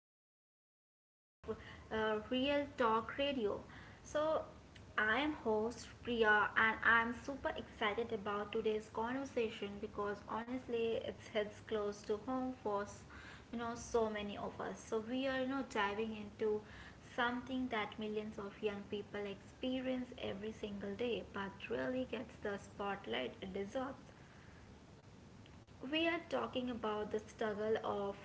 episode of Real Talk Radio. So, I am host Priya and I'm super excited about today's conversation because honestly it hits close to home for so many of us. We are diving into something that millions of young people experience every single day but really gets the spotlight it deserves. We are talking about the struggle of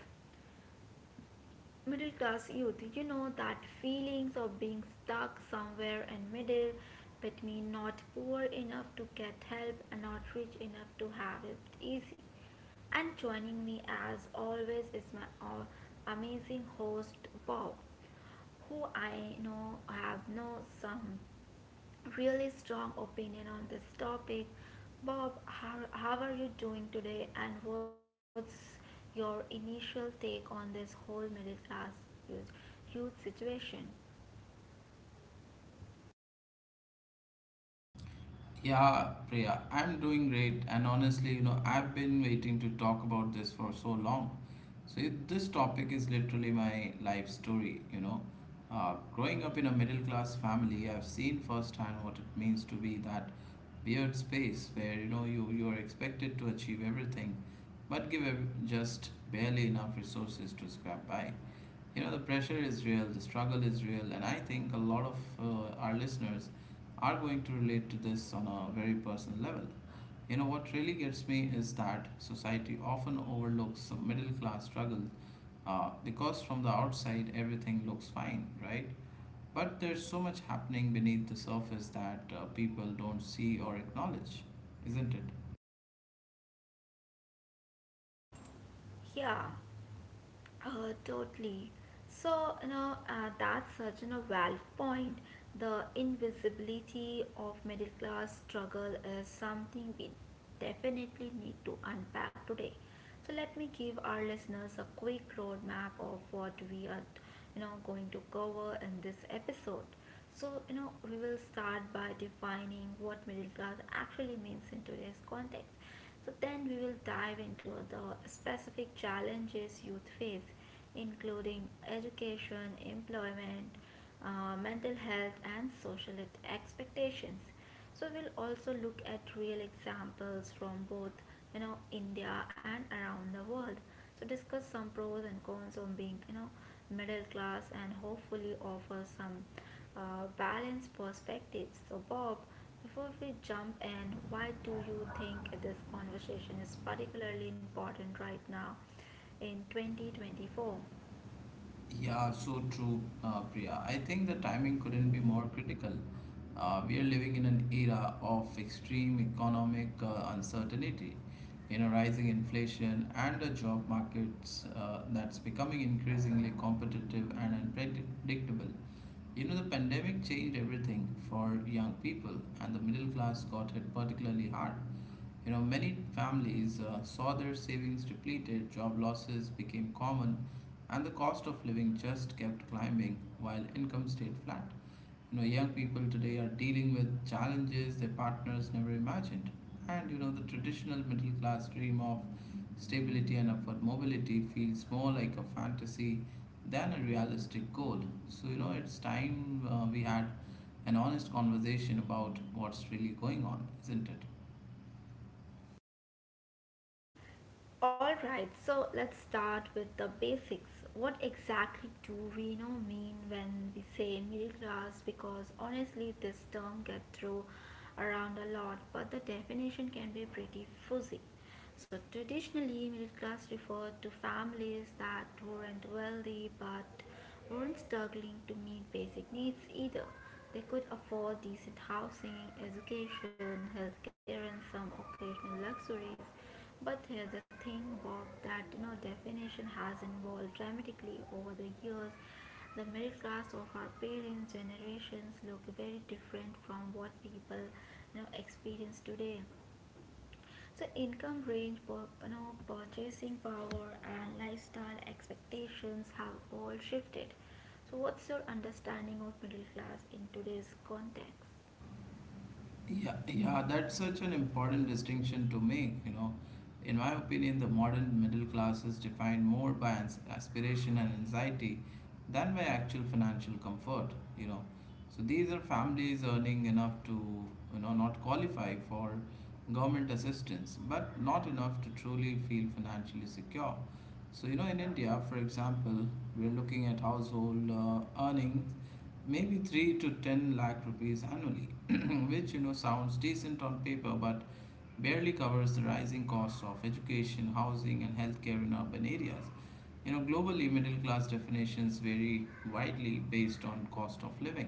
middle class youth, that feelings of being stuck somewhere in middle between not poor enough to get help and not rich enough to have it easy, and joining me as always is my amazing host Bob, who I know have know some really strong opinion on this topic. Bob, how are you doing today and what's your initial take on this whole middle class youth, youth situation? Yeah, Priya, I'm doing great. And honestly, I've been waiting to talk about this for so long. So, this topic is literally my life story. Growing up in a middle class family, I've seen firsthand what it means to be that weird space where, you are expected to achieve everything, but just barely enough resources to scrape by. You know, the pressure is real, the struggle is real, and I think a lot of our listeners are going to relate to this on a very personal level. You know, what really gets me is that society often overlooks the middle class struggle because from the outside everything looks fine, right? But there's so much happening beneath the surface that people don't see or acknowledge, isn't it? Yeah. Totally. That's a valid point. The invisibility of middle class struggle is something we definitely need to unpack today. So, let me give our listeners a quick roadmap of what we are, going to cover in this episode. We will start by defining what middle class actually means in today's context. So, then we will dive into the specific challenges youth face, including education, employment, mental health, and social expectations. So, we'll also look at real examples from both India and around the world. So, discuss some pros and cons of being middle class and hopefully offer some balanced perspectives. So, Bob, before we jump in, why do you think this conversation is particularly important right now in 2024? Yeah, so true, Priya. I think the timing couldn't be more critical. We are living in an era of extreme economic uncertainty, you know, rising inflation and a job markets that's becoming increasingly competitive and unpredictable. You know, the pandemic changed everything for young people, and the middle class got hit particularly hard. You know, many families saw their savings depleted, job losses became common, and the cost of living just kept climbing while income stayed flat. You know, young people today are dealing with challenges their partners never imagined. And you know, the traditional middle class dream of stability and upward mobility feels more like a fantasy than a realistic goal. So, you know, it's time we had an honest conversation about what's really going on, isn't it? Alright, so let's start with the basics. What exactly do we mean when we say middle class? Because honestly, this term gets thrown around a lot, but the definition can be pretty fuzzy. So traditionally, middle class referred to families that weren't wealthy but weren't struggling to meet basic needs either. They could afford decent housing, education, healthcare, and some occasional luxuries, but here's the thing, Bob, that definition has evolved dramatically over the years. The middle class of our parents' generations look very different from what people experience today. So income range, purchasing power and lifestyle expectations have all shifted. So what's your understanding of middle class in today's context? Yeah, yeah, that's such an important distinction to make, you know. In my opinion, the modern middle class is defined more by aspiration and anxiety than by actual financial comfort, you know. So these are families earning enough to, you know, not qualify for government assistance, but not enough to truly feel financially secure. So, you know, in India, for example, we're looking at household earnings maybe 3 to 10 lakh rupees annually, which you know sounds decent on paper but barely covers the rising costs of education, housing, and healthcare in urban areas. You know, globally, middle class definitions vary widely based on cost of living.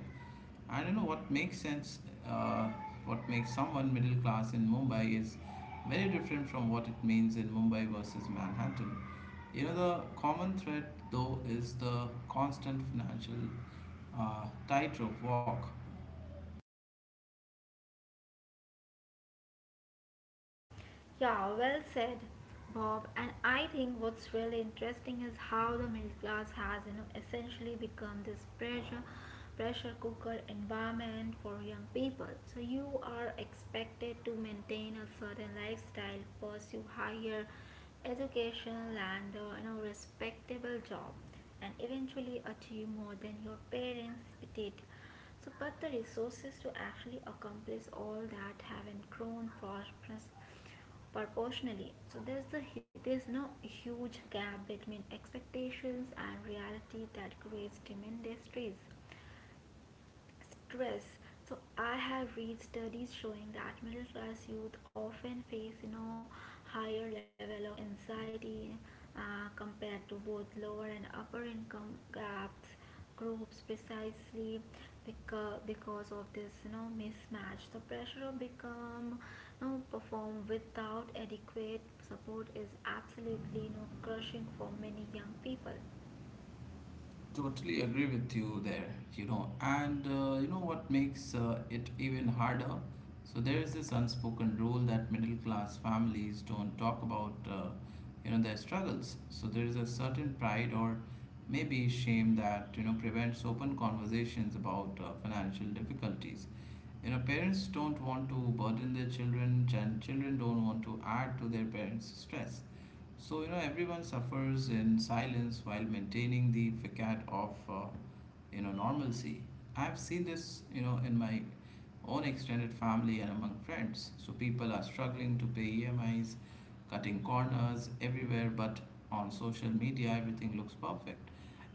I don't know what makes sense, uh, what makes someone middle class in Mumbai is very different from what it means in Mumbai versus Manhattan. You know, the common thread though is the constant financial tightrope walk. Yeah, well said, Bob. And I think what's really interesting is how the middle class has, essentially become this pressure cooker environment for young people. So you are expected to maintain a certain lifestyle, pursue higher education and respectable job and eventually achieve more than your parents did. So, but the resources to actually accomplish all that haven't grown prosperous proportionally, so there's no huge gap between expectations and reality that creates tremendous stress. So I have read studies showing that middle class youth often face, higher level of anxiety compared to both lower and upper income gaps groups, precisely because of this mismatch. The pressure of become, perform without adequate support is absolutely, crushing for many young people. Totally agree with you there, you know, and you know what makes it even harder? So there is this unspoken rule that middle class families don't talk about, you know, their struggles. So there is a certain pride or maybe shame that, you know, prevents open conversations about financial difficulties. You know, parents don't want to burden their children, and children don't want to add to their parents' stress. So, you know, everyone suffers in silence while maintaining the facade of, you know, normalcy. I've seen this, you know, in my own extended family and among friends. So, people are struggling to pay EMIs, cutting corners everywhere, but on social media, everything looks perfect.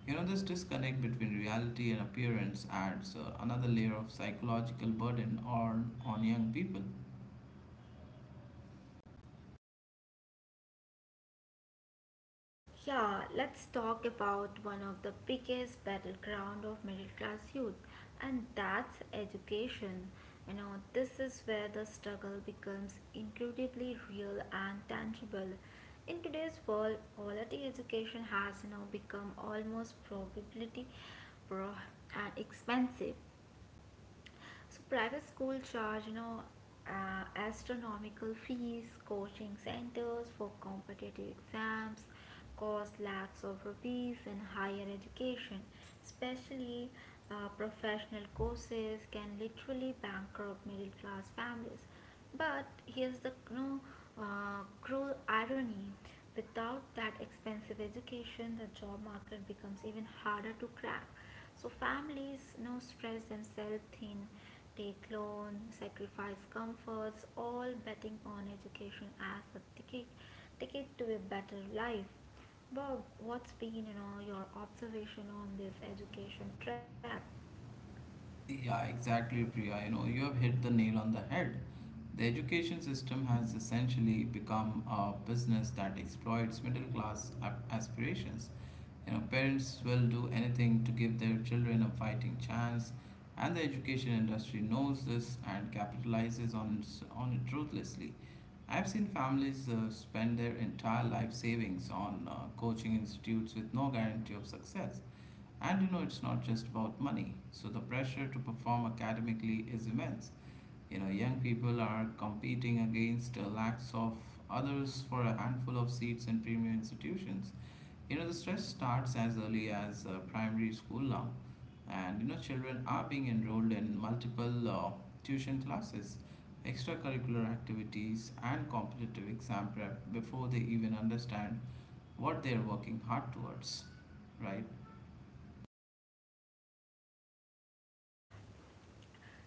You know, this disconnect between reality and appearance adds another layer of psychological burden on young people. Yeah, let's talk about one of the biggest battleground of middle class youth, and that's education. You know, this is where the struggle becomes incredibly real and tangible. In today's world, quality education has, become almost probability pro and expensive. So private school charge, astronomical fees, coaching centers for competitive exams, cost lakhs of rupees in higher education, especially professional courses can literally bankrupt middle class families. But here's the, cruel irony. Without that expensive education, the job market becomes even harder to crack. So families, stress themselves thin. Take loans, sacrifice comforts, all betting on education as a ticket to a better life. Bob, what's been, your observation on this education trap? Yeah, exactly, Priya. You know, you have hit the nail on the head. The education system has essentially become a business that exploits middle class aspirations. You know, parents will do anything to give their children a fighting chance, and the education industry knows this and capitalizes on on it ruthlessly. I've seen families spend their entire life savings on coaching institutes with no guarantee of success. And you know, it's not just about money. So the pressure to perform academically is immense. You know, young people are competing against the lakhs of others for a handful of seats in premier institutions. You know, the stress starts as early as primary school now. And you know, children are being enrolled in multiple tuition classes, extracurricular activities, and competitive exam prep before they even understand what they are working hard towards, right?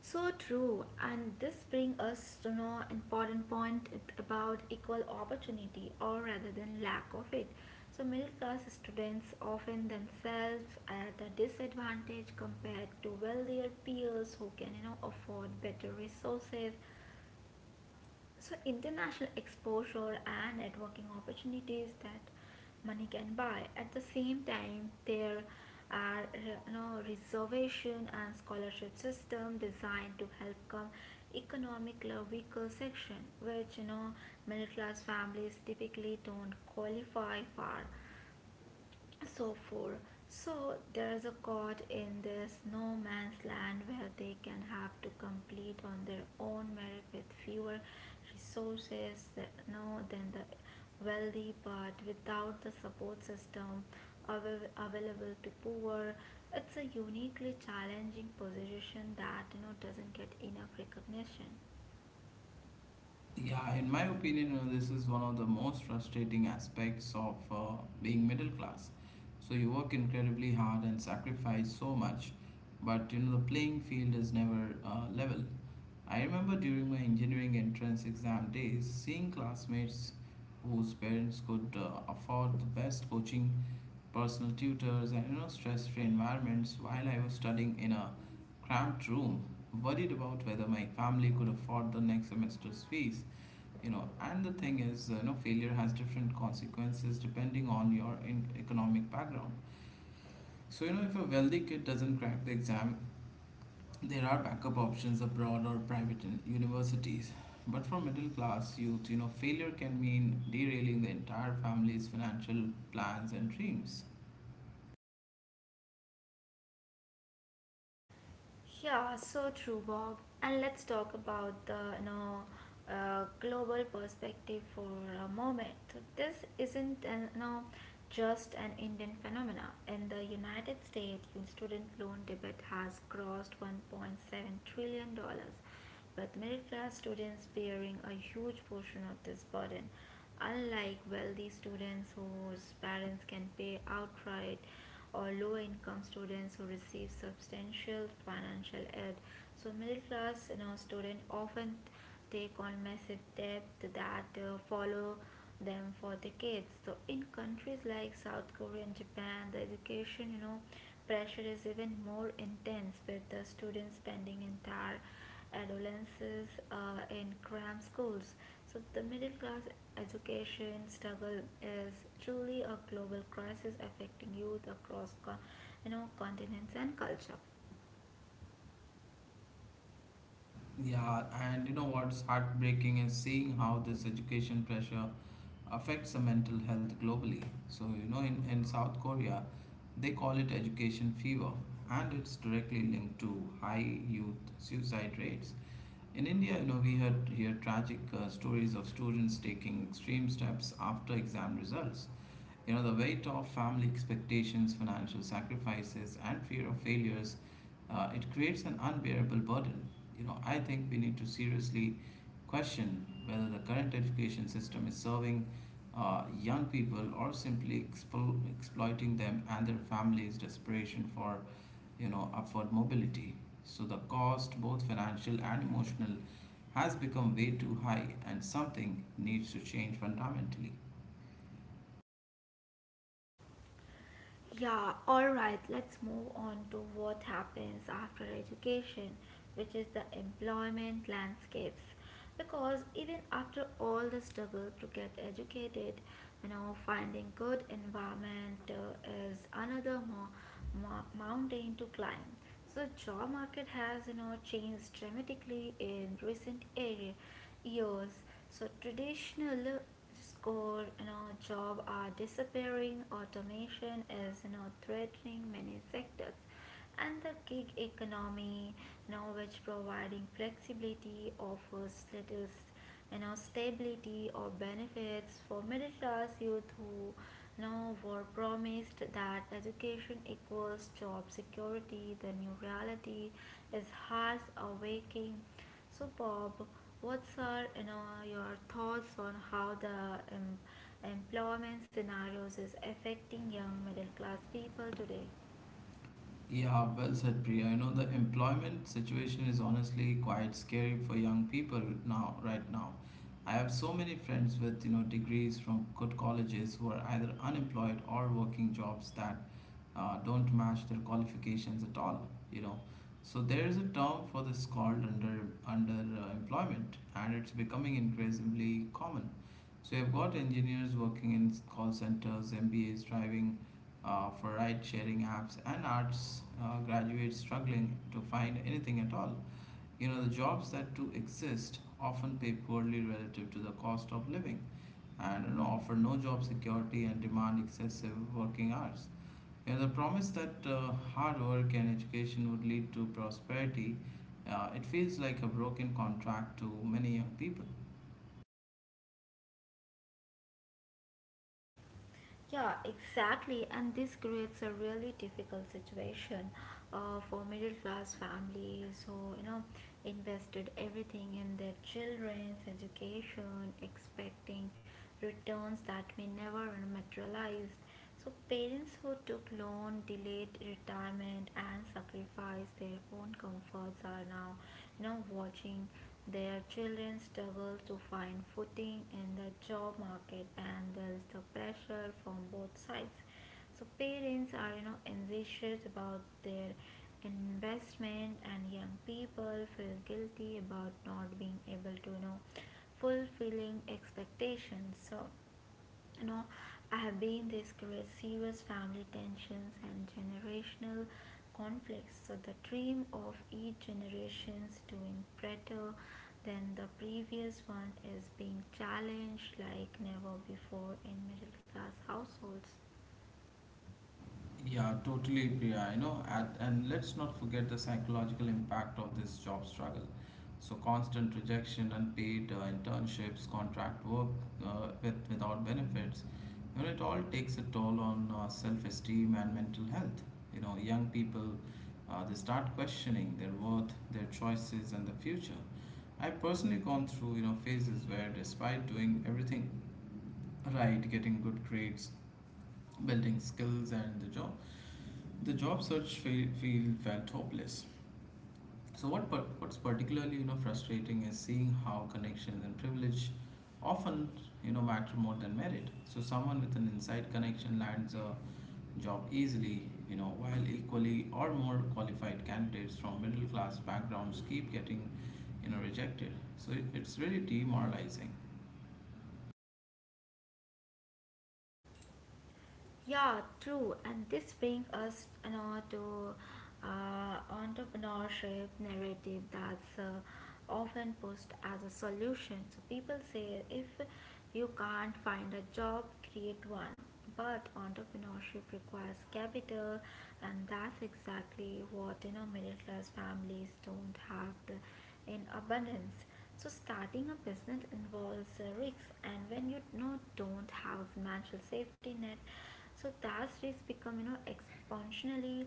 So true, and this brings us to know important point about equal opportunity, or rather than lack of it. So middle class students often themselves at a disadvantage compared to wealthier peers who can, afford better resources, so international exposure and networking opportunities that money can buy. At the same time there are, reservation and scholarship system designed to help come economically weaker section which, middle class families typically don't qualify for, so four. So there's a court in this no man's land where they can have to complete on their own merit with fewer resources, no, than the wealthy, but without the support system available to poor. It's a uniquely challenging position that, doesn't get enough recognition. Yeah, in my opinion, this is one of the most frustrating aspects of being middle class. So you work incredibly hard and sacrifice so much, but you know the playing field is never level. I remember during my engineering entrance exam days, seeing classmates whose parents could afford the best coaching, personal tutors, and you know stress-free environments, while I was studying in a cramped room, worried about whether my family could afford the next semester's fees. You know, and the thing is you know failure has different consequences depending on your economic background. So you know if a wealthy kid doesn't crack the exam, there are backup options abroad or private universities, but for middle class youth you know failure can mean derailing the entire family's financial plans and dreams. Yeah, so true, Bob. And let's talk about the, global perspective for a moment. So this isn't an, just an Indian phenomena. In the United States, student loan debt has crossed 1.7 trillion dollars with middle class students bearing a huge portion of this burden. Unlike wealthy students whose parents can pay outright, or low income students who receive substantial financial aid, so middle class, students often they call massive debt that follow them for decades. So in countries like South Korea and Japan the education, pressure is even more intense, with the students spending entire adolescences in cram schools. So the middle class education struggle is truly a global crisis affecting youth across continents and culture. Yeah, and you know what's heartbreaking is seeing how this education pressure affects the mental health globally. So, you know, in South Korea, they call it education fever, and it's directly linked to high youth suicide rates. In India, you know, we hear tragic stories of students taking extreme steps after exam results. You know, the weight of family expectations, financial sacrifices, and fear of failures, it creates an unbearable burden. You know, I think we need to seriously question whether the current education system is serving young people or simply exploiting them and their families' desperation for, you know, upward mobility. So the cost, both financial and emotional, has become way too high, and something needs to change fundamentally. Yeah, alright, let's move on to what happens after education, which is the employment landscapes. Because even after all the struggle to get educated, you know, finding good environment is another mountain to climb. So job market has, changed dramatically in recent area years. So traditional score you know job are disappearing, automation is, threatening many sectors, and the gig economy now which providing flexibility offers little, stability or benefits for middle class youth who, were promised that education equals job security. The new reality is harsh awakening. So Bob, what's are, your thoughts on how the em- employment scenarios is affecting young middle class people today? Yeah, well said, Priya. You know, the employment situation is honestly quite scary for young people now, right now. I have so many friends with, you know, degrees from good colleges who are either unemployed or working jobs that don't match their qualifications at all. You know, so there is a term for this called under under employment, and it's becoming increasingly common. So you've got engineers working in call centers, mbas driving for ride sharing apps, and arts graduates struggling to find anything at all. You know, the jobs that do exist often pay poorly relative to the cost of living, and you know, offer no job security and demand excessive working hours. Yeah, the promise that hard work and education would lead to prosperity, it feels like a broken contract to many young people. Yeah, exactly. And this creates a really difficult situation for middle class families who, invested everything in their children's education, expecting returns that may never materialize. So, parents who took loan, delayed retirement, and sacrificed their own comforts are now, watching their children struggle to find footing in the job market, and there is the pressure from both sides. So, parents are, anxious about their investment, and young people feel guilty about not being able to, fulfilling expectations. So, you know I have been, this creates serious family tensions and generational conflicts. So the dream of each generation's doing better than the previous one is being challenged like never before in middle class households. Yeah, totally, Priya. And let's not forget the psychological impact of this job struggle. So, constant rejection, unpaid internships, contract work without benefits, you know, it all takes a toll on self esteem and mental health. You know, young people, they start questioning their worth, their choices, and the future. I personally gone through, you know, phases where despite doing everything right, getting good grades, building skills and the job search field felt hopeless. So what's particularly you know frustrating is seeing how connections and privilege often you know matter more than merit. So someone with an inside connection lands a job easily, you know, while equally or more qualified candidates from middle class backgrounds keep getting you know rejected. So it's really demoralizing. Yeah, true. And this brings us, to entrepreneurship narrative that's, often pushed as a solution. So people say if you can't find a job, create one. But entrepreneurship requires capital, and that's exactly what, middle class families don't have the, in abundance. So starting a business involves risks, and when you, don't have a financial safety net, so those risks become, exponentially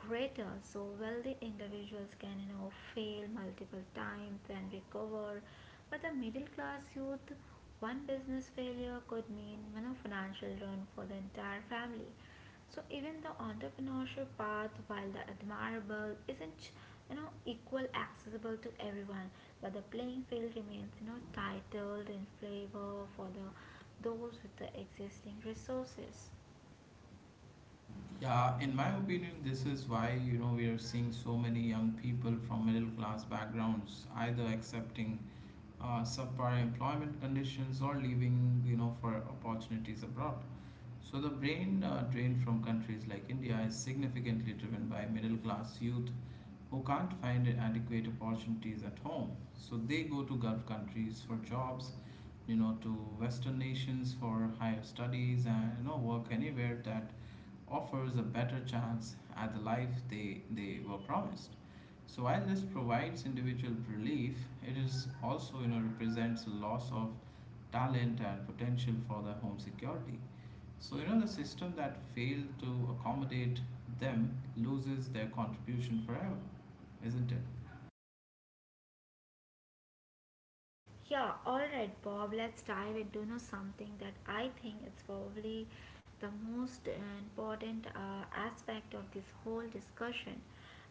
greater. So wealthy individuals can, fail multiple times and recover, but the middle class youth, one business failure could mean, financial ruin for the entire family. So even the entrepreneurship path while the admirable isn't, equal accessible to everyone, but the playing field remains, titled in favor for the those with the existing resources. Yeah, in my opinion, this is why you know we are seeing so many young people from middle class backgrounds either accepting subpar employment conditions or leaving you know for opportunities abroad. So the brain drain from countries like India is significantly driven by middle class youth who can't find adequate opportunities at home. So they go to Gulf countries for jobs, you know, to Western nations for higher studies, and you know work anywhere that offers a better chance at the life they were promised. So while this provides individual relief, it is also you know represents a loss of talent and potential for the home security. So, you know, the system that failed to accommodate them loses their contribution forever, isn't it? Yeah, all right, Bob. Let's dive into, something that I think it's probably the most important aspect of this whole discussion,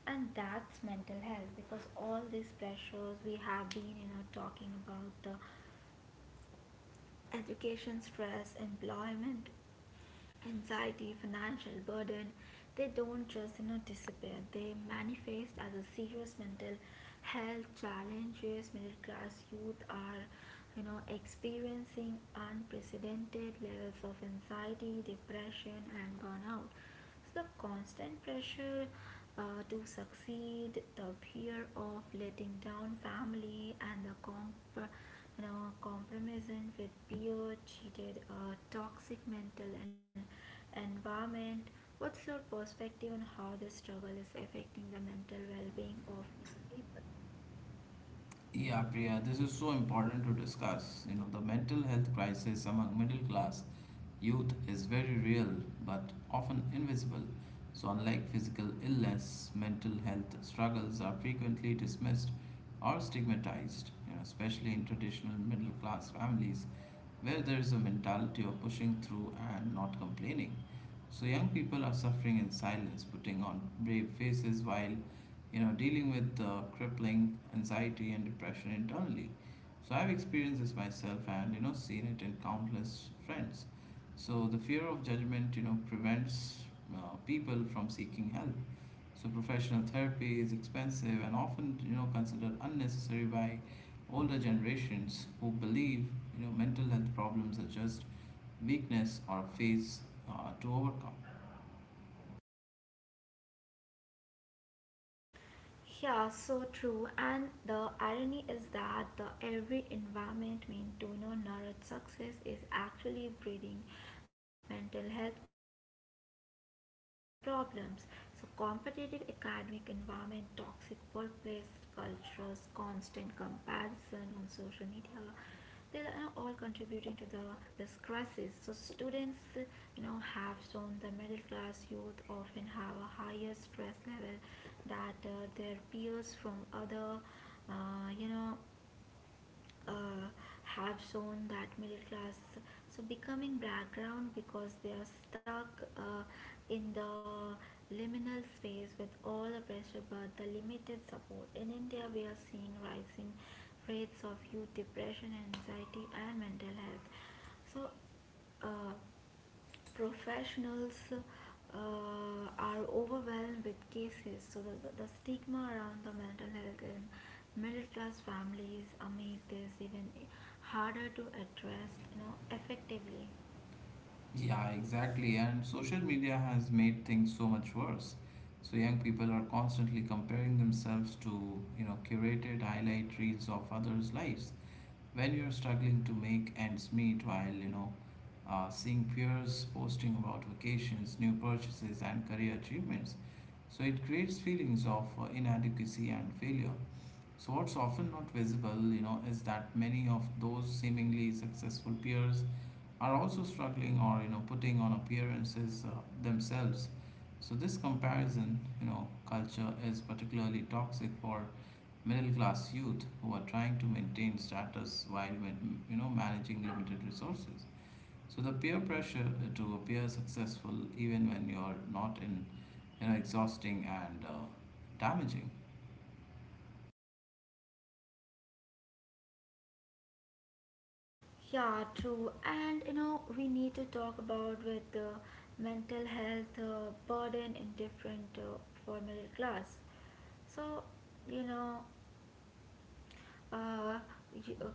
and that's mental health. Because all these pressures we have been, talking about, the education stress, employment, anxiety, financial burden, they don't just, disappear. They manifest as a serious mental health challenges. Middle class youth are, experiencing unprecedented levels of anxiety, depression, and burnout. So the constant pressure to succeed, the fear of letting down family, and the compromising with peer cheated, toxic mental and environment. What's your perspective on how this struggle is affecting the mental well-being of young people? Yeah, Priya, this is so important to discuss. You know, the mental health crisis among middle class youth is very real but often invisible. So, unlike physical illness, mental health struggles are frequently dismissed or stigmatized, you know, especially in traditional middle class families, where there is a mentality of pushing through and not complaining. So young people are suffering in silence, putting on brave faces while you know dealing with the crippling anxiety and depression internally. So I've experienced this myself and you know seen it in countless friends. So the fear of judgment you know prevents people from seeking help. So professional therapy is expensive and often considered unnecessary by older generations who believe mental health problems are just weakness or phase to overcome. Yeah, so true. And the irony is that the every environment mean to know nurtured success is actually breeding mental health problems. So competitive academic environment, toxic workplace cultures, constant comparison on social media, they are all contributing to the this crisis. So students have shown the middle class youth often have a higher stress level that their peers from other uh, you know uh, have shown that middle class so becoming background because they are stuck uh, in the liminal space with all the pressure but the limited support in india. We are seeing rising rates of youth depression, anxiety and mental health. So uh, professionals are overwhelmed with cases, so the stigma around the mental health in middle class families make this even harder to address, effectively. Yeah, exactly. And social media has made things so much worse. So young people are constantly comparing themselves to curated highlight reels of others' lives when you're struggling to make ends meet while seeing peers posting about vacations, new purchases, and career achievements. So it creates feelings of inadequacy and failure. So what's often not visible, is that many of those seemingly successful peers are also struggling or putting on appearances themselves. So this comparison, culture is particularly toxic for middle class youth who are trying to maintain status while managing limited resources. So the peer pressure to appear successful even when you are not in, exhausting and damaging. Yeah, true. And we need to talk about with the mental health burden in different for middle class. So, you know, uh,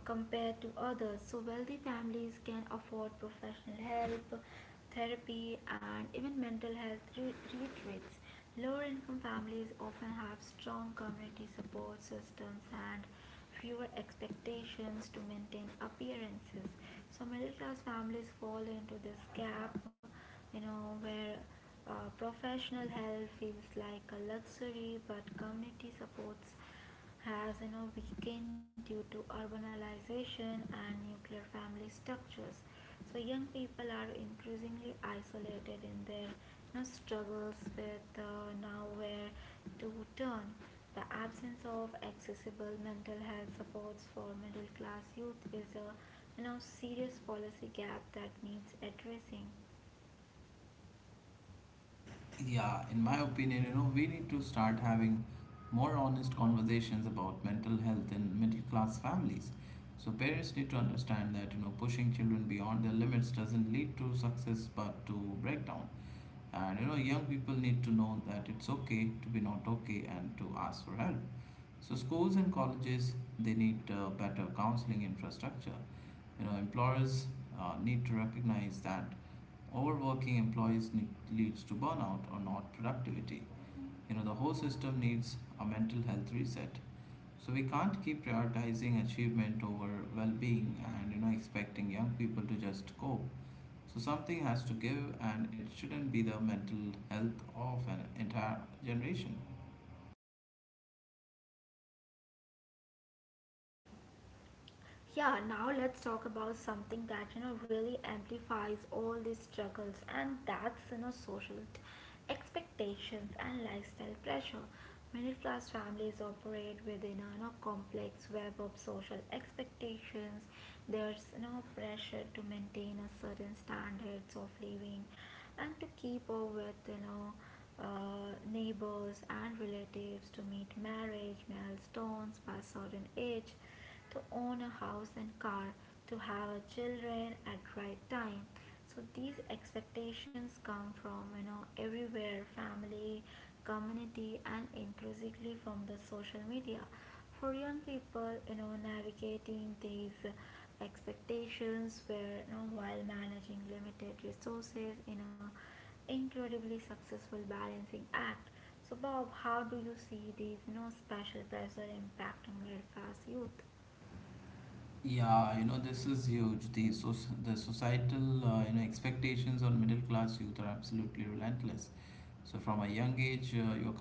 compared to others. So wealthy families can afford professional help, therapy, and even mental health retreats. Lower income families often have strong community support systems and fewer expectations to maintain appearances. So middle class families fall into this gap, where professional help feels like a luxury, but community supports has weakened due to urbanization and nuclear family structures. So young people are increasingly isolated in their struggles with now where to turn. The absence of accessible mental health supports for middle class youth is a serious policy gap that needs addressing. Yeah, in my opinion, we need to start having more honest conversations about mental health in middle class families. So parents need to understand that, pushing children beyond their limits doesn't lead to success but to breakdown. And you know, young people need to know that it's okay to be not okay and to ask for help. So schools and colleges, they need better counseling infrastructure. You know, employers need to recognize that overworking employees need, leads to burnout or not productivity. You know, the whole system needs a mental health reset. So we can't keep prioritizing achievement over well-being and expecting young people to just cope. So something has to give, and it shouldn't be the mental health of an entire generation. Yeah, now let's talk about something that really amplifies all these struggles, and that's expectations and lifestyle pressure. Middle class families operate within a complex web of social expectations. There's pressure to maintain a certain standards of living, and to keep up with neighbors and relatives, to meet marriage milestones by certain age, to own a house and car, to have a children at right time. So these expectations come from everywhere: family, community, and inclusively from the social media. For young people, navigating these expectations where while managing limited resources in a incredibly successful balancing act. So Bob, how do you see these special pressure impacting middle class youth? Yeah, you know, this is huge. The so the societal you know, expectations on middle class youth are absolutely relentless. So from a young age, your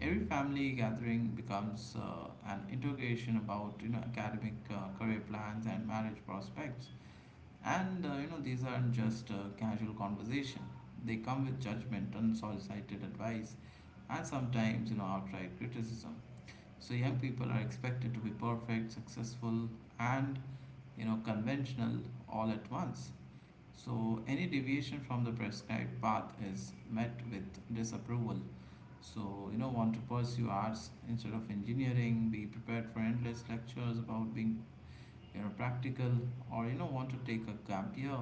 every family gathering becomes an interrogation about, you know, academic career plans and marriage prospects. And you know, these aren't just casual conversation. They come with judgment, unsolicited advice, and sometimes, you know, outright criticism. So young people are expected to be perfect, successful, and, you know, conventional all at once. So any deviation from the prescribed path is met with disapproval. So, you know, want to pursue arts instead of engineering, be prepared for endless lectures about being, you know, practical, or, you know, want to take a gap year.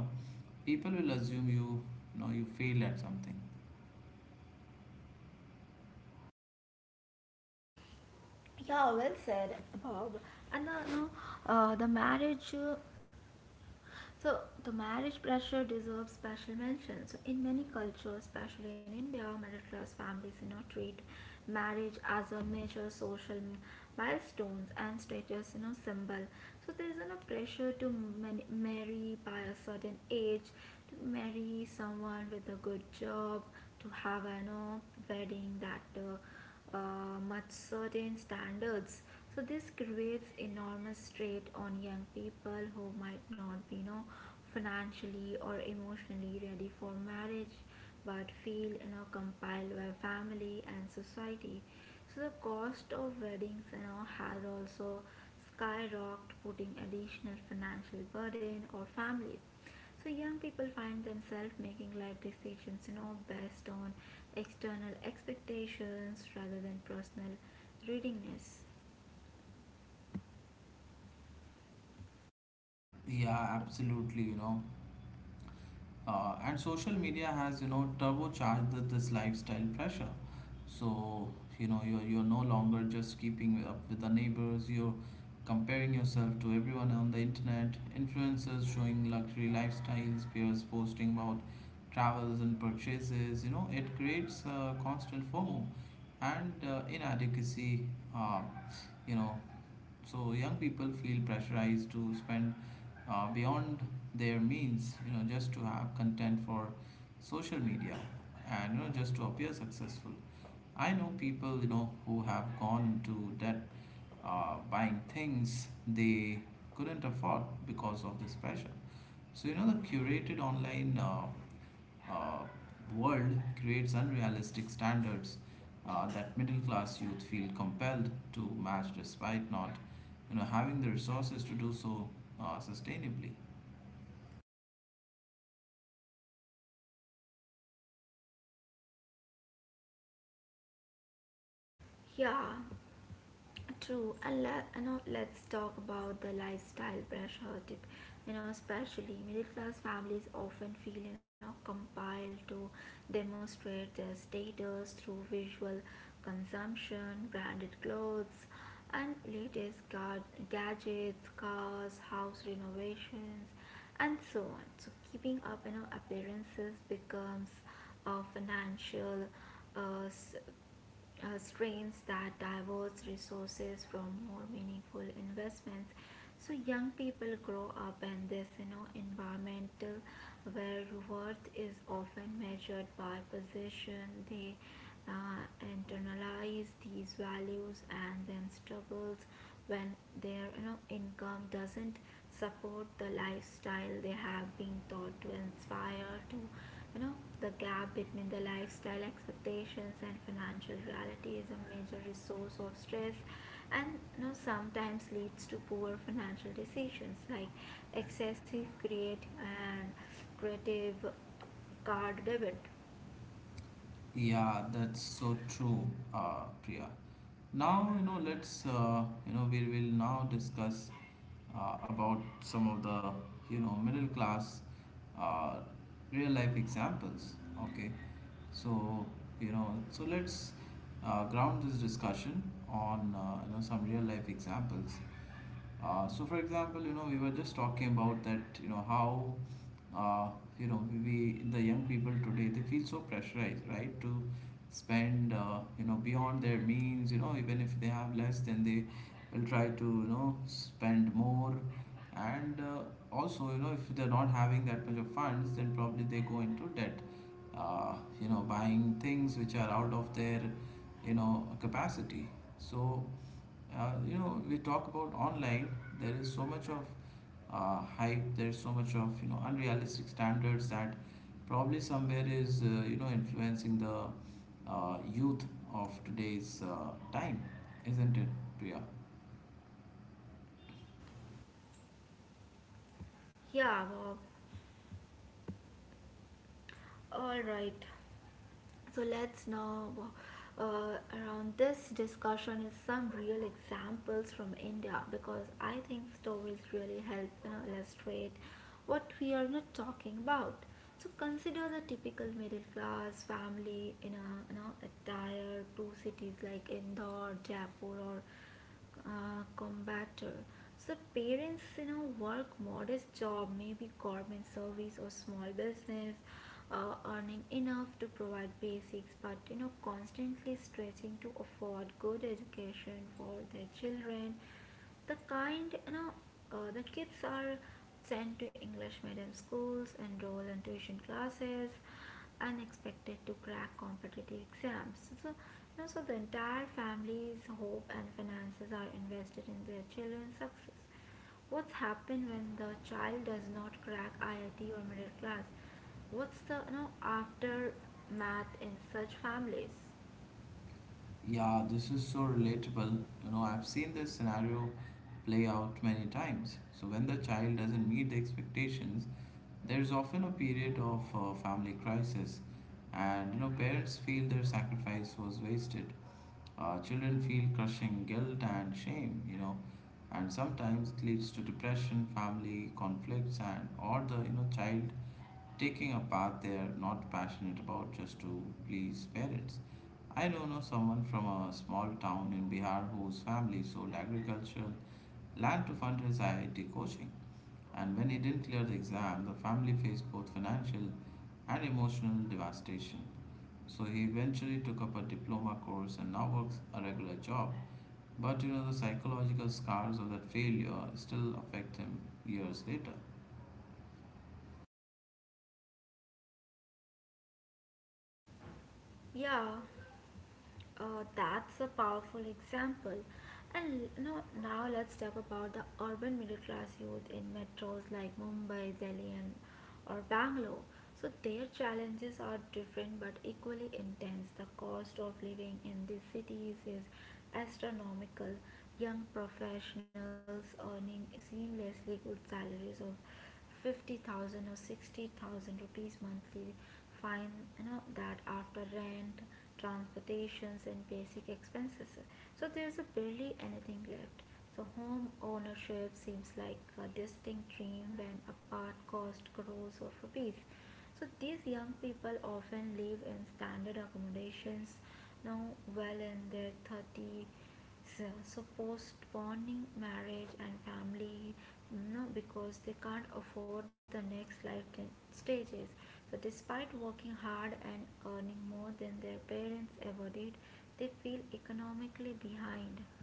People will assume you failed at something. Yeah, well said, Bob. And the marriage, the marriage pressure deserves special mention. So in many cultures, especially in India, middle class families, treat marriage as a major social milestones and status, symbol. So there is pressure to marry by a certain age, to marry someone with a good job, to have a wedding that. Much certain standards. So this creates enormous strain on young people who might not be, financially or emotionally ready for marriage, but feel, compelled by family and society. So the cost of weddings, has also skyrocketed, putting additional financial burden on families. So young people find themselves making life decisions, based on external expectations rather than personal readiness. Yeah, absolutely, you know. And social media has, you know, turbocharged this lifestyle pressure. So, you know, you're no longer just keeping up with the neighbors, you're comparing yourself to everyone on the internet, influencers showing luxury lifestyles, peers posting about travels and purchases. You know, it creates a constant FOMO and inadequacy, uh, you know, so young people feel pressurized to spend beyond their means, just to have content for social media, and just to appear successful. I know people, who have gone to debt buying things they couldn't afford because of this pressure. So the curated online uh, world creates unrealistic standards that middle class youth feel compelled to match despite not having the resources to do so sustainably. Yeah, true. And let, let's talk about the lifestyle pressure tip. Especially middle class families often feel compelled to demonstrate their status through visual consumption, branded clothes, and gadgets, cars, house renovations, and so on. So keeping up, appearances becomes a financial uh, s- strains that diverts resources from more meaningful investments. So young people grow up in this environmental where worth is often measured by position. They uh, internalize these values and then struggles when their income doesn't support the lifestyle they have been taught to inspire to. you know, the gap between the lifestyle expectations and financial reality is a major resource of stress, and sometimes leads to poor financial decisions like excessive create and creative card debit. Yeah, that's so true, Priya. Now, you know, we will now discuss about some of the, you know, middle class uh, real life examples. Okay. So, you know, so let's ground this discussion on, some real life examples. So, for example, you know, we were just talking about that, you know, how, uh, we the young people today, they feel so pressurized, right, to spend, you know, beyond their means. You know, even if they have less, then they will try to, you know, spend more. And also, you know, if they're not having that much of funds, then probably they go into debt. Uh, you know, buying things which are out of their, you know, capacity. So you know, we talk about online, there is so much of hype, there is so much of, you know, unrealistic standards that probably somewhere is you know, influencing the youth of today's time, isn't it, Priya? Yeah, Bob. All right. So let's now around this discussion is some real examples from India because I think stories really help illustrate what we are not talking about. So consider the typical middle class family in a a tier cities like Indore, Jaipur, or combator. So parents, work modest job, maybe government service or small business, earning enough to provide basics, but constantly stretching to afford good education for their children. The kind, you know, the kids are sent to English medium schools, enroll in tuition classes, unexpected to crack competitive exams. So, the entire family's hope and finances are invested in their children's success. What's happened when the child does not crack IIT or middle class? What's the aftermath in such families? Yeah, this is so relatable. You know, I've seen this scenario play out many times. So when the child doesn't meet the expectations, there's often a period of family crisis, and you know, parents feel their sacrifice was wasted. Children feel crushing guilt and shame, you know, and sometimes it leads to depression, family conflicts, and or the child taking a path they are not passionate about just to please parents. I don't know someone from a small town in Bihar whose family sold agricultural land to fund his IIT coaching. And when he didn't clear the exam, the family faced both financial and emotional devastation. So he eventually took up a diploma course and now works a regular job. But you know, the psychological scars of that failure still affect him years later. Yeah. That's a powerful example. And now let's talk about the urban middle class youth in metros like Mumbai, Delhi, and or Bangalore. So their challenges are different but equally intense. The cost of living in these cities is astronomical. Young professionals earning seamlessly good salaries of 50,000 or 60,000 rupees monthly fine that after rent, transportations and basic expenses, so there's a barely anything left. So home ownership seems like a distinct dream when a part cost crores of rupees. So these young people often live in standard accommodations now, well in their 30s, so postponing marriage and family, because they can't afford the next life stages. So despite working hard and earning more than their parents ever did, they feel economically behind.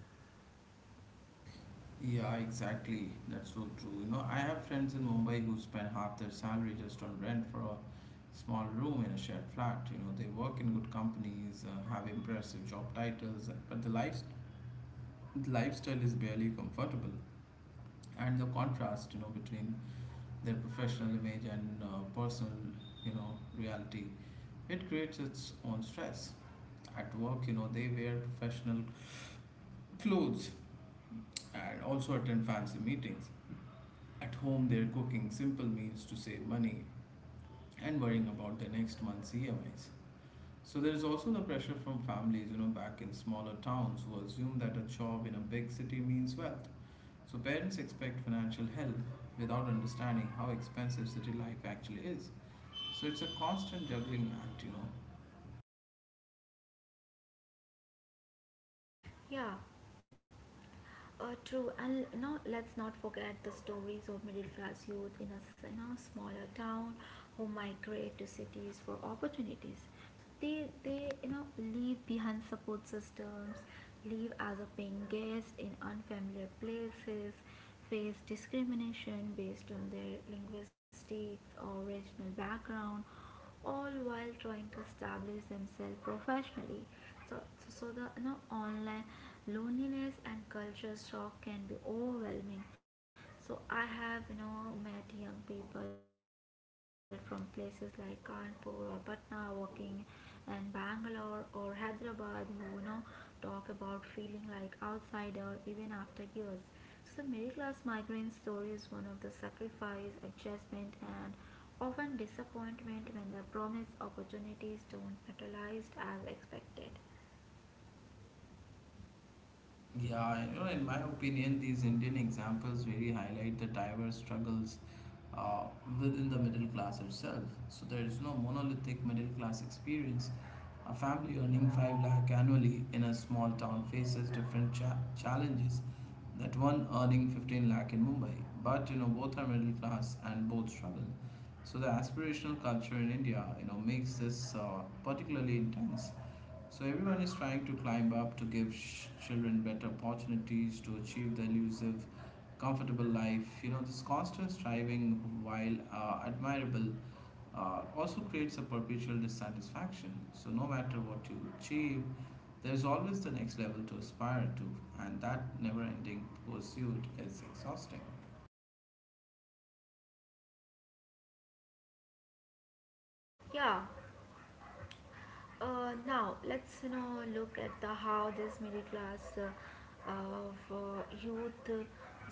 Yeah, exactly. That's so true. You know, I have friends in Mumbai who spend half their salary just on rent for a small room in a shared flat. You know, they work in good companies, have impressive job titles, but the lifestyle is barely comfortable. And the contrast, between their professional image and personal, reality, it creates its own stress. At work, you know, they wear professional clothes and also attend fancy meetings. At home, they're cooking simple meals to save money and worrying about their next month's EMIs. So there is also the pressure from families, you know, back in smaller towns, who assume that a job in a big city means wealth. So parents expect financial help without understanding how expensive city life actually is. So it's a constant juggling act, you know. Yeah. True. And let's not forget the stories of middle class youth in a smaller town who migrate to cities for opportunities. So they leave behind support systems, leave as a paying guest in unfamiliar places, face discrimination based on their linguistics or regional background, all while trying to establish themselves professionally. So, the online loneliness and culture shock can be overwhelming. So I have met young people from places like Kanpur or Patna working and Bangalore or Hyderabad who talk about feeling like outsider even after years. So the middle class migrant story is one of the sacrifice adjustment and often disappointment when the promised opportunities don't materialize as expected. Yeah, you know, in my opinion, these Indian examples really highlight the diverse struggles uh, within the middle class itself. So there is no monolithic middle class experience. A family earning 5 lakh annually in a small town faces challenges that one earning 15 lakh in Mumbai. But you know, both are middle class and both struggle. So the aspirational culture in India, you know, makes this particularly intense. So everyone is trying to climb up to children better opportunities to achieve the elusive, comfortable life. You know, this constant striving, while admirable, also creates a perpetual dissatisfaction. So no matter what you achieve, there is always the next level to aspire to, and that never-ending pursuit is exhausting. Yeah. Now let's look at the how this middle class of youth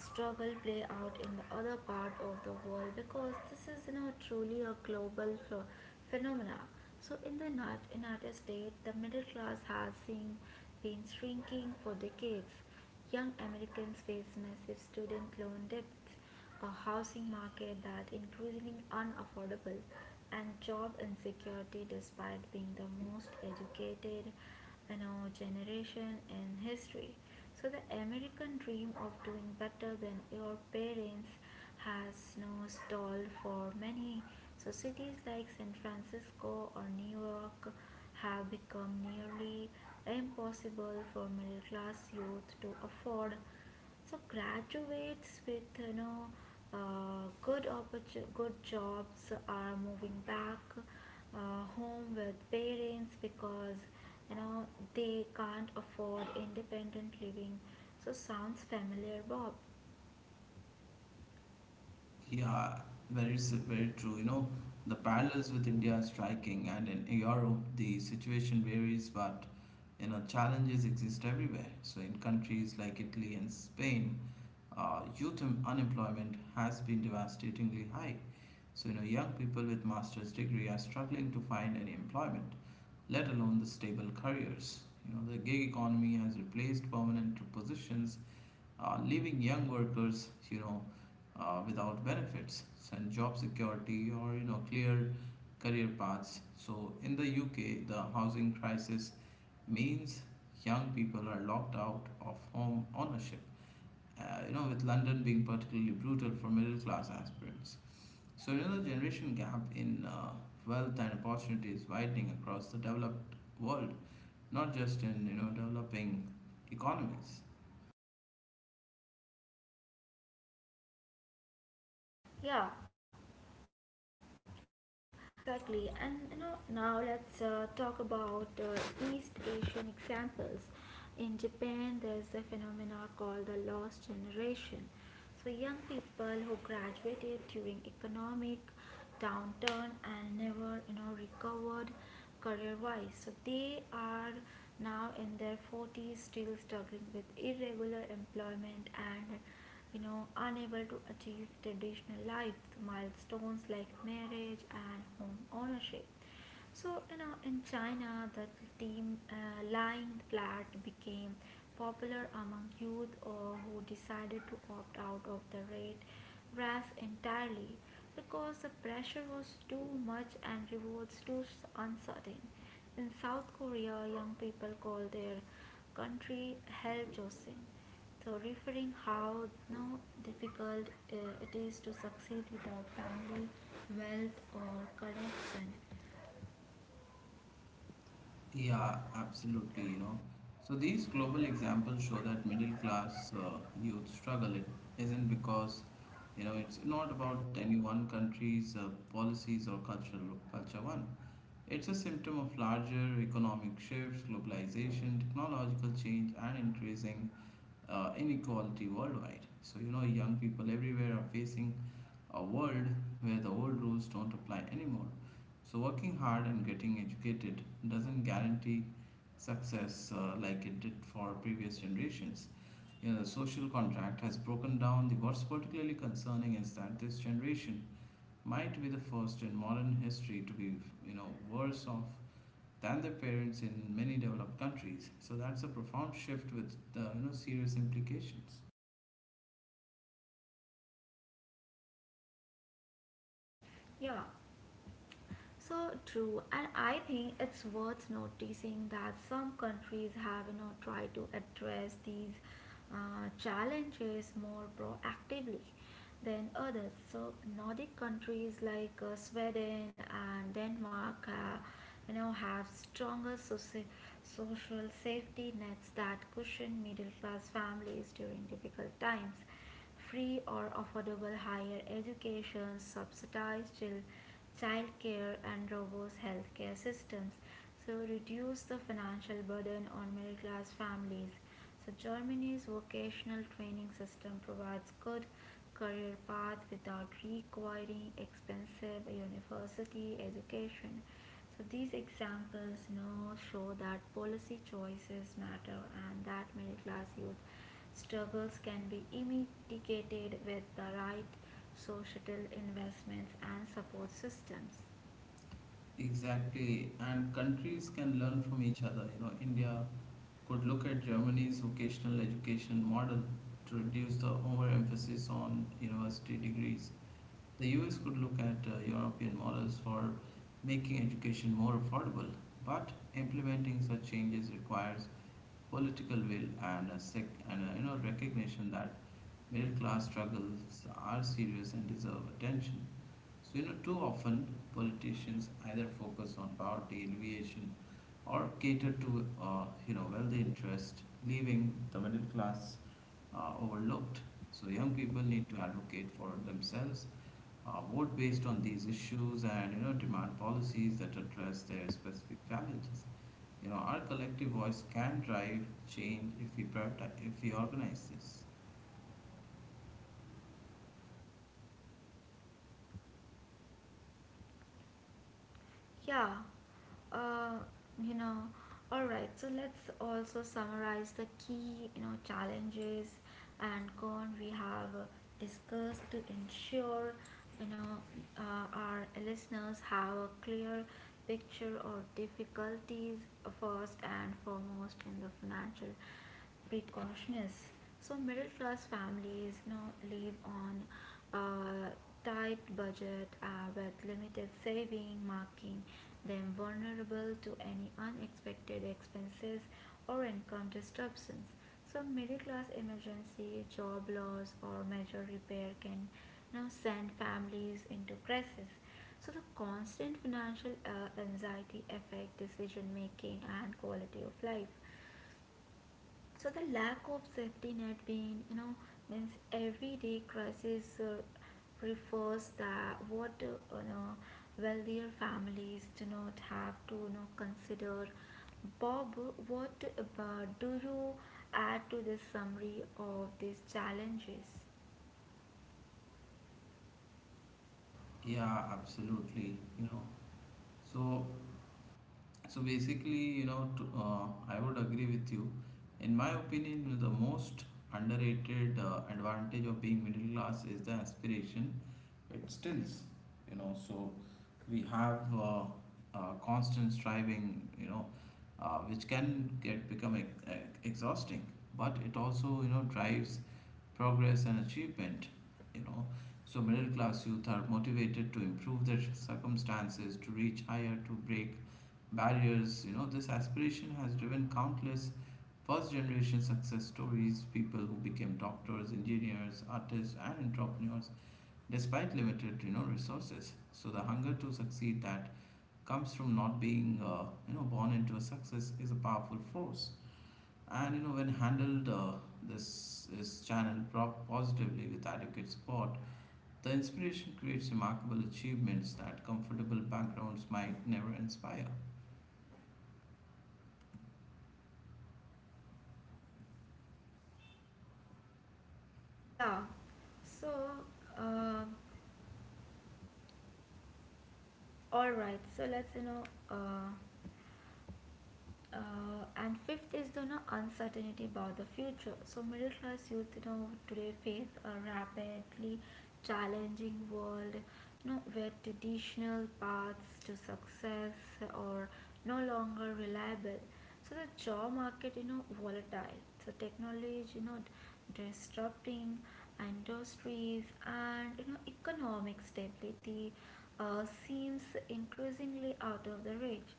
struggle play out in the other part of the world, because this is truly a global phenomena. So in the United States, the middle class has seen been shrinking for decades. Young Americans face massive student loan debts, a housing market that is increasingly unaffordable, and job insecurity despite being the most educated generation in history. So the American dream of doing better than your parents has stalled for many. So cities like San Francisco or New York have become nearly impossible for middle class youth to afford. So graduates with good jobs are moving back home with parents because you know they can't afford independent living. So sounds familiar, Bob. Yeah, very true. You know, the parallels with India are striking, and in Europe, the situation varies, but you know, challenges exist everywhere. So, in countries like Italy and Spain, unemployment has been devastatingly high. So, you know, young people with master's degree are struggling to find any employment, let alone the stable careers. You know, the gig economy has replaced permanent positions, leaving young workers, you know, without benefits and job security or, you know, clear career paths. So in the UK, the housing crisis means young people are locked out of home ownership. You know, with London being particularly brutal for middle class aspirants. So you know, the generation gap in wealth and opportunity is widening across the developed world, not just in, developing economies. Yeah. So, exactly. And now let's talk about East Asian examples. In Japan, there's a phenomena called the lost generation. So young people who graduated during economic downturn and never, recovered career-wise. So they are now in their 40s, still struggling with irregular employment and you know unable to achieve traditional life milestones like marriage and home ownership. So in China, the team lying flat became popular among youth or who decided to opt out of the red grass entirely because the pressure was too much and rewards too uncertain. In South Korea, young people call their country Hell Joseon, so referring how now difficult it is to succeed without family, wealth or connection. Yeah, absolutely, you know. So these global examples show that middle class youth struggle. It isn't because, you know, it's not about any one country's policies or cultural culture one. It's a symptom of larger economic shifts, globalization, technological change, and increasing inequality worldwide. So, you know, young people everywhere are facing a world where the old rules don't apply anymore. So, working hard and getting educated doesn't guarantee success like it did for previous generations. You know, the social contract has broken down. The what's particularly concerning is that this generation might be the first in modern history to be, you know, worse off than their parents in many developed countries. So that's a profound shift with the, you know, serious implications. Yeah, so true. And I think it's worth noticing that some countries have tried to address these challenges more proactively than others. So Nordic countries like Sweden and Denmark, have stronger social safety nets that cushion middle class families during difficult times: free or affordable higher education, subsidized child care, and robust healthcare systems. So, reduce the financial burden on middle class families. So Germany's vocational training system provides good career path without requiring expensive university education. So these examples now show that policy choices matter and that middle class youth struggles can be mitigated with the right societal investments and support systems. Exactly, and countries can learn from each other. You know, India could look at Germany's vocational education model to reduce the overemphasis on university degrees. The US could look at European models for making education more affordable, but implementing such changes requires political will and a, you know, recognition that middle class struggles are serious and deserve attention. So, you know, too often politicians either focus on power deviation or cater to, you know, wealthy interest, leaving the middle class overlooked. So, young people need to advocate for themselves, vote based on these issues, and, demand policies that address their specific challenges. Our collective voice can drive change if we prioritize, if we organize this. Yeah, uh, you know, all right. So let's also summarize the key, challenges and con we have discussed to ensure, you know, our listeners have a clear picture of difficulties. First and foremost in the financial precautions. So middle class families live on a tight budget with limited saving, marking them vulnerable to any unexpected expenses or income disruptions. So middle class emergency, job loss, or major repair can now send families into crisis. So the constant financial anxiety affect decision making and quality of life. So the lack of safety net being, means everyday crisis refers that what wealthier families do not have to consider. Bob, what uh, do you add to this summary of these challenges? Yeah, absolutely. So So basically, I would agree with you. In my opinion, the most underrated advantage of being middle class is the aspiration it stills. So we have constant striving. Which can get become ex- ex- exhausting, but it also drives progress and achievement. you know so middle class youth are motivated to improve their circumstances, to reach higher, to break barriers. This aspiration has driven countless first generation success stories, people who became doctors, engineers, artists and entrepreneurs despite limited resources. So the hunger to succeed that comes from not being born into a success is a powerful force, and you know, when handled this is channeled prop positively with adequate support, the inspiration creates remarkable achievements that comfortable backgrounds might never inspire. Yeah. So, uh, all right. So let's you know. Uh, and fifth is the uncertainty about the future. So middle class youth today face a rapidly challenging world, where traditional paths to success are no longer reliable. So the job market volatile. So technology disrupting industries and economic stability seems increasingly out of the reach.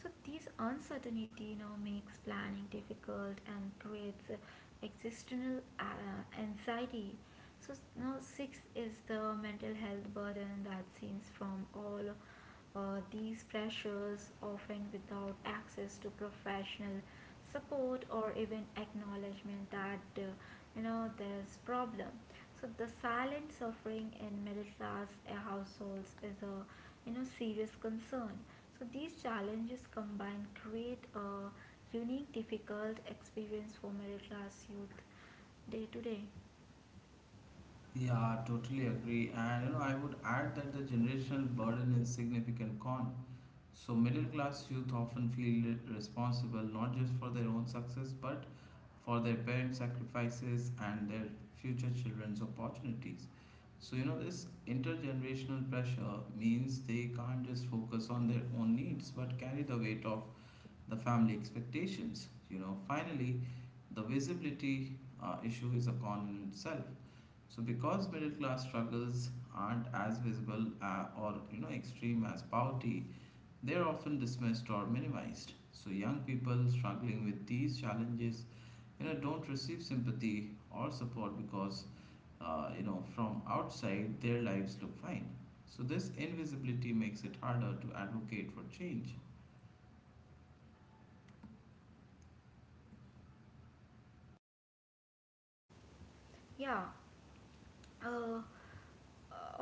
So this uncertainty now makes planning difficult and creates existential anxiety. So now six is the mental health burden that stems from all these pressures, often without access to professional support or even acknowledgement that there's problem. So the silent suffering in middle class households is a serious concern. So these challenges combined create a unique difficult experience for middle class youth day to day. Yeah, totally agree. And I would add that the generational burden is significant con. So, middle class youth often feel responsible not just for their own success but for their parents' sacrifices and their future children's opportunities. So, this intergenerational pressure means they can't just focus on their own needs but carry the weight of the family expectations. Finally, the visibility issue is a con in itself. So, because middle class struggles aren't as visible or extreme as poverty, they are often dismissed or minimized. So young people struggling with these challenges, don't receive sympathy or support because, from outside their lives look fine. So this invisibility makes it harder to advocate for change. Yeah. Uh,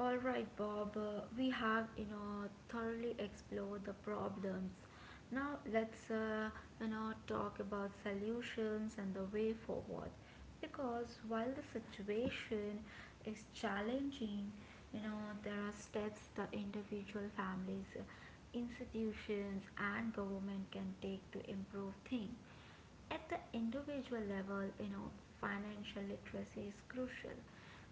all right, Bob. We have thoroughly explored the problems. Now let's talk about solutions and the way forward. Because while the situation is challenging, there are steps that individual families, institutions, and government can take to improve things at the individual level. You know, financial literacy is crucial,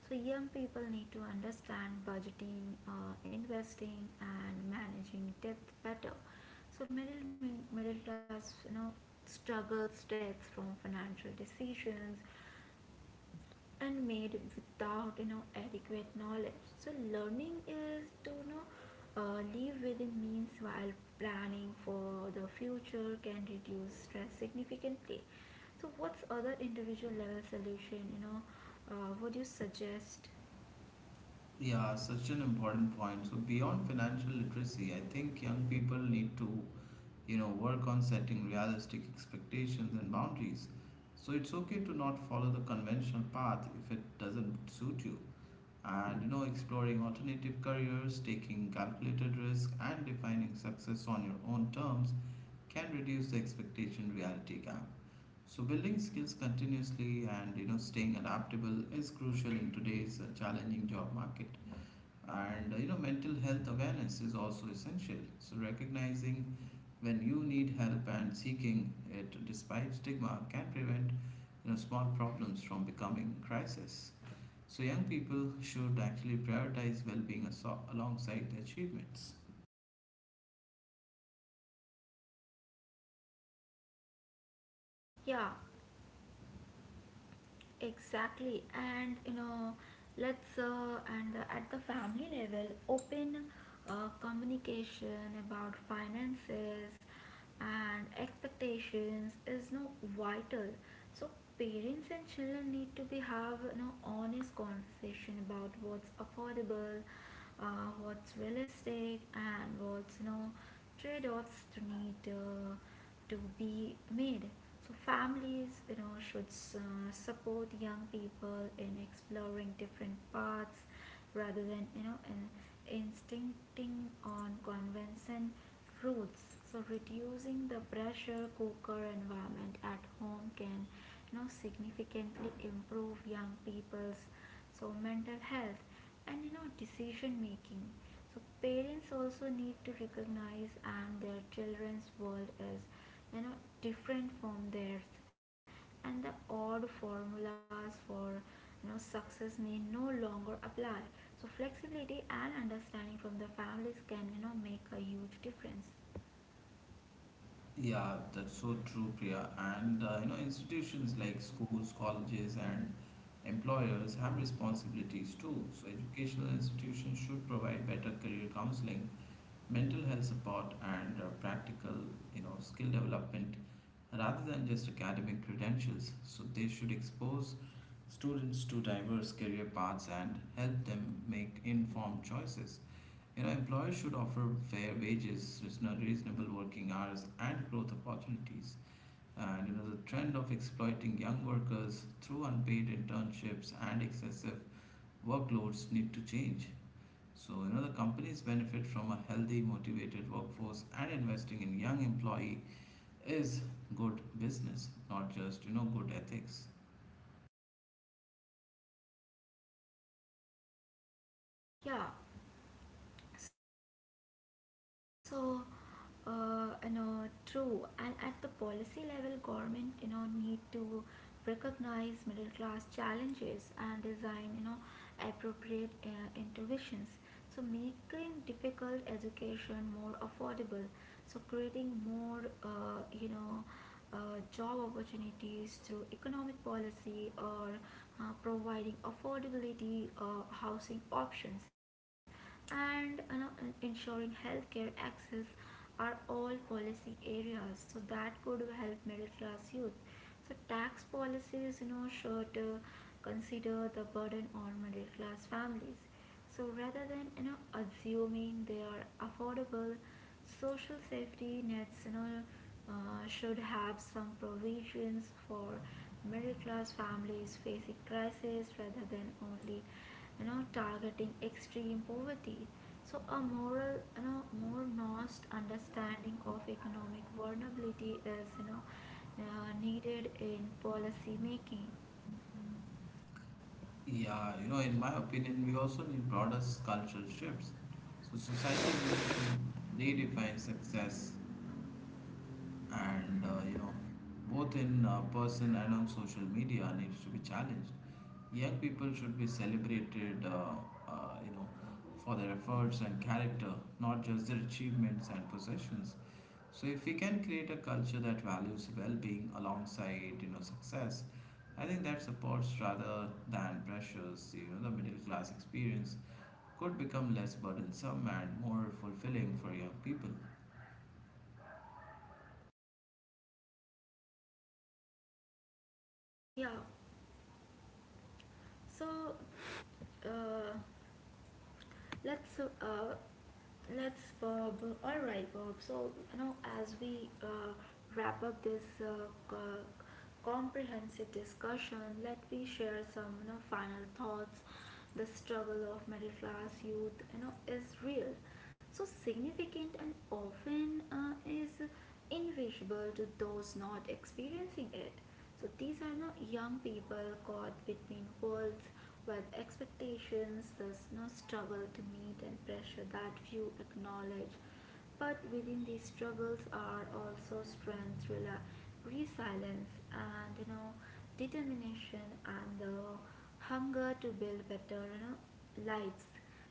so young people need to understand budgeting, investing, and managing debt better. So middle class struggles debts from financial decisions and made without adequate knowledge. So learning is to live within means while planning for the future can reduce stress significantly. So what's other individual level solution would you suggest? Yeah, such an important point. So beyond financial literacy, I think young people need to, work on setting realistic expectations and boundaries. So it's okay to not follow the conventional path if it doesn't suit you. And exploring alternative careers, taking calculated risk and defining success on your own terms can reduce the expectation reality gap. So building skills continuously and staying adaptable is crucial in today's challenging job market. And mental health awareness is also essential. So recognizing when you need help and seeking it despite stigma can prevent small problems from becoming crisis. So, young people should actually prioritize well being alongside their achievements. Yeah. Exactly, and you know, let's and at the family level, open communication about finances and expectations is no vital. So parents and children need to be have honest conversation about what's affordable, what's realistic, and what's trade-offs to need to be made. So families, should support young people in exploring different paths rather than in, instincting on convention routes. So reducing the pressure cooker environment at home can significantly improve young people's so mental health and decision making. So parents also need to recognize and their children's world is you know different from theirs, and the odd formulas for success may no longer apply. So flexibility and understanding from the families can make a huge difference. Yeah, that's so true, Priya. And institutions like schools, colleges, and employers have responsibilities too. So, educational institutions should provide better career counseling, mental health support, and practical, skill development rather than just academic credentials. So, they should expose students to diverse career paths and help them make informed choices. Employers should offer fair wages, reasonable working hours, and growth opportunities. And the trend of exploiting young workers through unpaid internships and excessive workloads need to change. So, the companies benefit from a healthy, motivated workforce, and investing in young employee is good business, not just good ethics. Yeah. So, uh, you know, True. And at the policy level, government, need to recognize middle class challenges and design, appropriate interventions. So, making difficult education more affordable. So, creating more, job opportunities through economic policy, or providing affordability housing options, and ensuring healthcare access are all policy areas. So that could help middle class youth. So tax policies, should consider the burden on middle class families. So rather than assuming they are affordable, social safety nets should have some provisions for middle class families facing crisis rather than only targeting extreme poverty. So a moral more nuanced understanding of economic vulnerability is needed in policy making. Yeah, in my opinion, we also need broader cultural shifts. So society needs to redefine success. And both in person and on social media needs to be challenged. Young people should be celebrated uh, you know for their efforts and character, not just their achievements and possessions. So if we can create a culture that values well-being alongside success, I think that supports rather than pressures, the middle class experience could become less burdensome and more fulfilling for young people. Yeah. So uh, Let's uh, let's Bob. All right, Bob. So, as we wrap up this comprehensive discussion, let me share some final thoughts. The struggle of middle class youth, is real, so significant and often is invisible to those not experiencing it. So these are not young people caught between worlds where the expectations There's no struggle to meet and pressure that few acknowledge. But within these struggles are also strength, resilience, and determination, and the hunger to build better lives.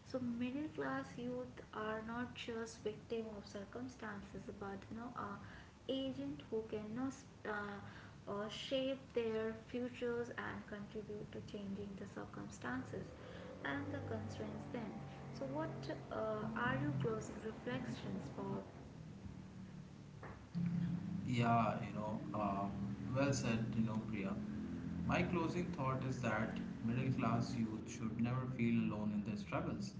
So middle class youth are not just victim of circumstances, but agent who can shape their futures and contribute to changing the circumstances and the constraints then. So what are your closing reflections, Bob? Yeah, well said, Priya. My closing thought is that middle class youth should never feel alone in their struggles.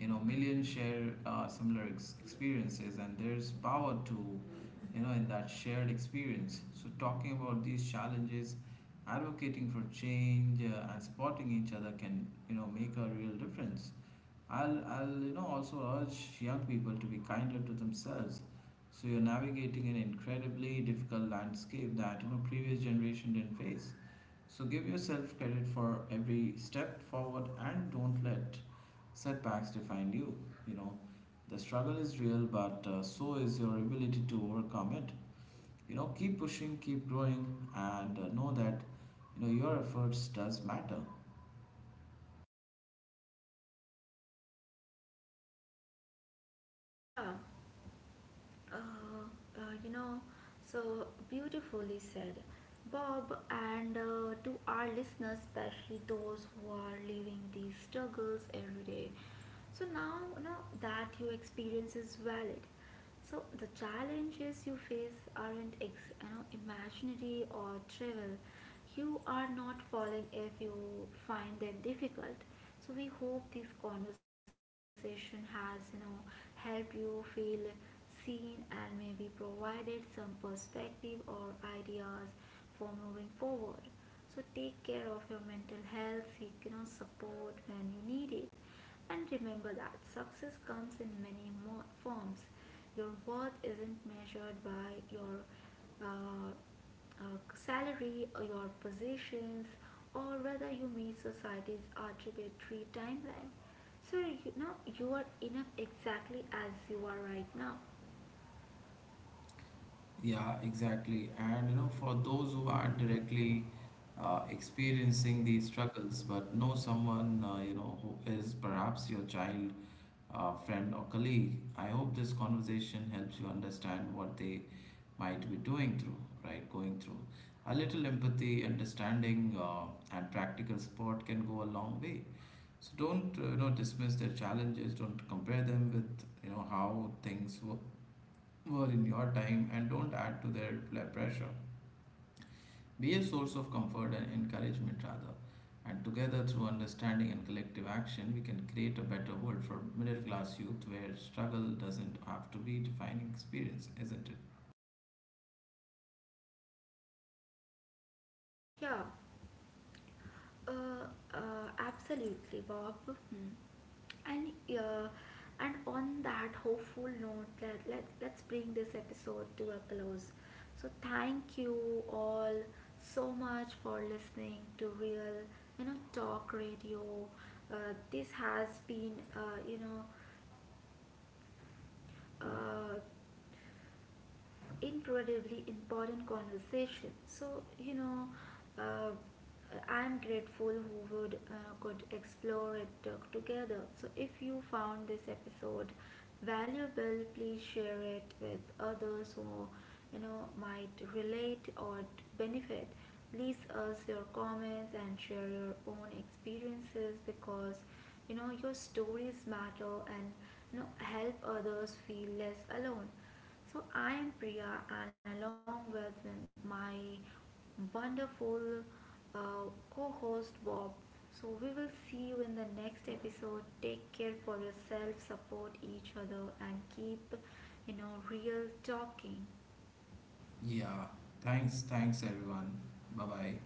You know, millions share similar experiences, and there's power to, in that shared experience. So, talking about these challenges, advocating for change, and supporting each other can, make a real difference. I'll also urge young people to be kinder to themselves. So you're navigating an incredibly difficult landscape that previous generation didn't face. So give yourself credit for every step forward and don't let setbacks define you. You know The struggle is real, but so is your ability to overcome it. Keep pushing, keep growing, and know that your efforts does matter. Yeah. Uh, uh, you know, so beautifully said, Bob. And to our listeners, especially those who are living these struggles every day. So now, you know that your experience is valid. So the challenges you face aren't imaginary or trivial. You are not falling if you find them difficult. So we hope this conversation has helped you feel seen, and maybe provided some perspective or ideas for moving forward. So take care of your mental health, seek support when you need it, and remember that success comes in many more forms. Your worth isn't measured by your uh, salary or your positions, or whether you meet society's arbitrary timeline. So you are enough exactly as you are right now. Yeah, exactly. And for those who aren't directly experiencing these struggles, but know someone who is, perhaps your child, friend, or colleague, I hope this conversation helps you understand what they might be doing through, right? Going through. A little empathy, understanding, and practical support can go a long way. So don't dismiss their challenges. Don't compare them with how things were in your time, and don't add to their pressure. Be a source of comfort and encouragement rather. And together, through understanding and collective action, we can create a better world for middle class youth where struggle doesn't have to be defining experience, isn't it? Yeah. Uh, Absolutely, Bob. Hmm. And uh, and on that hopeful note, let's bring this episode to a close. So thank you all so much for listening to Real, Talk Radio. This has been, uh, incredibly important conversation. So, uh, I'm grateful who would could explore it together. So, if you found this episode valuable, please share it with others who might relate or benefit. Leave us your comments and share your own experiences because your stories matter and help others feel less alone. So I am Priya, and along with my wonderful uh, co-host Bob. So we will see you in the next episode. Take care for yourself, support each other, and keep real talking. Yeah. Thanks, thanks everyone. Bye bye.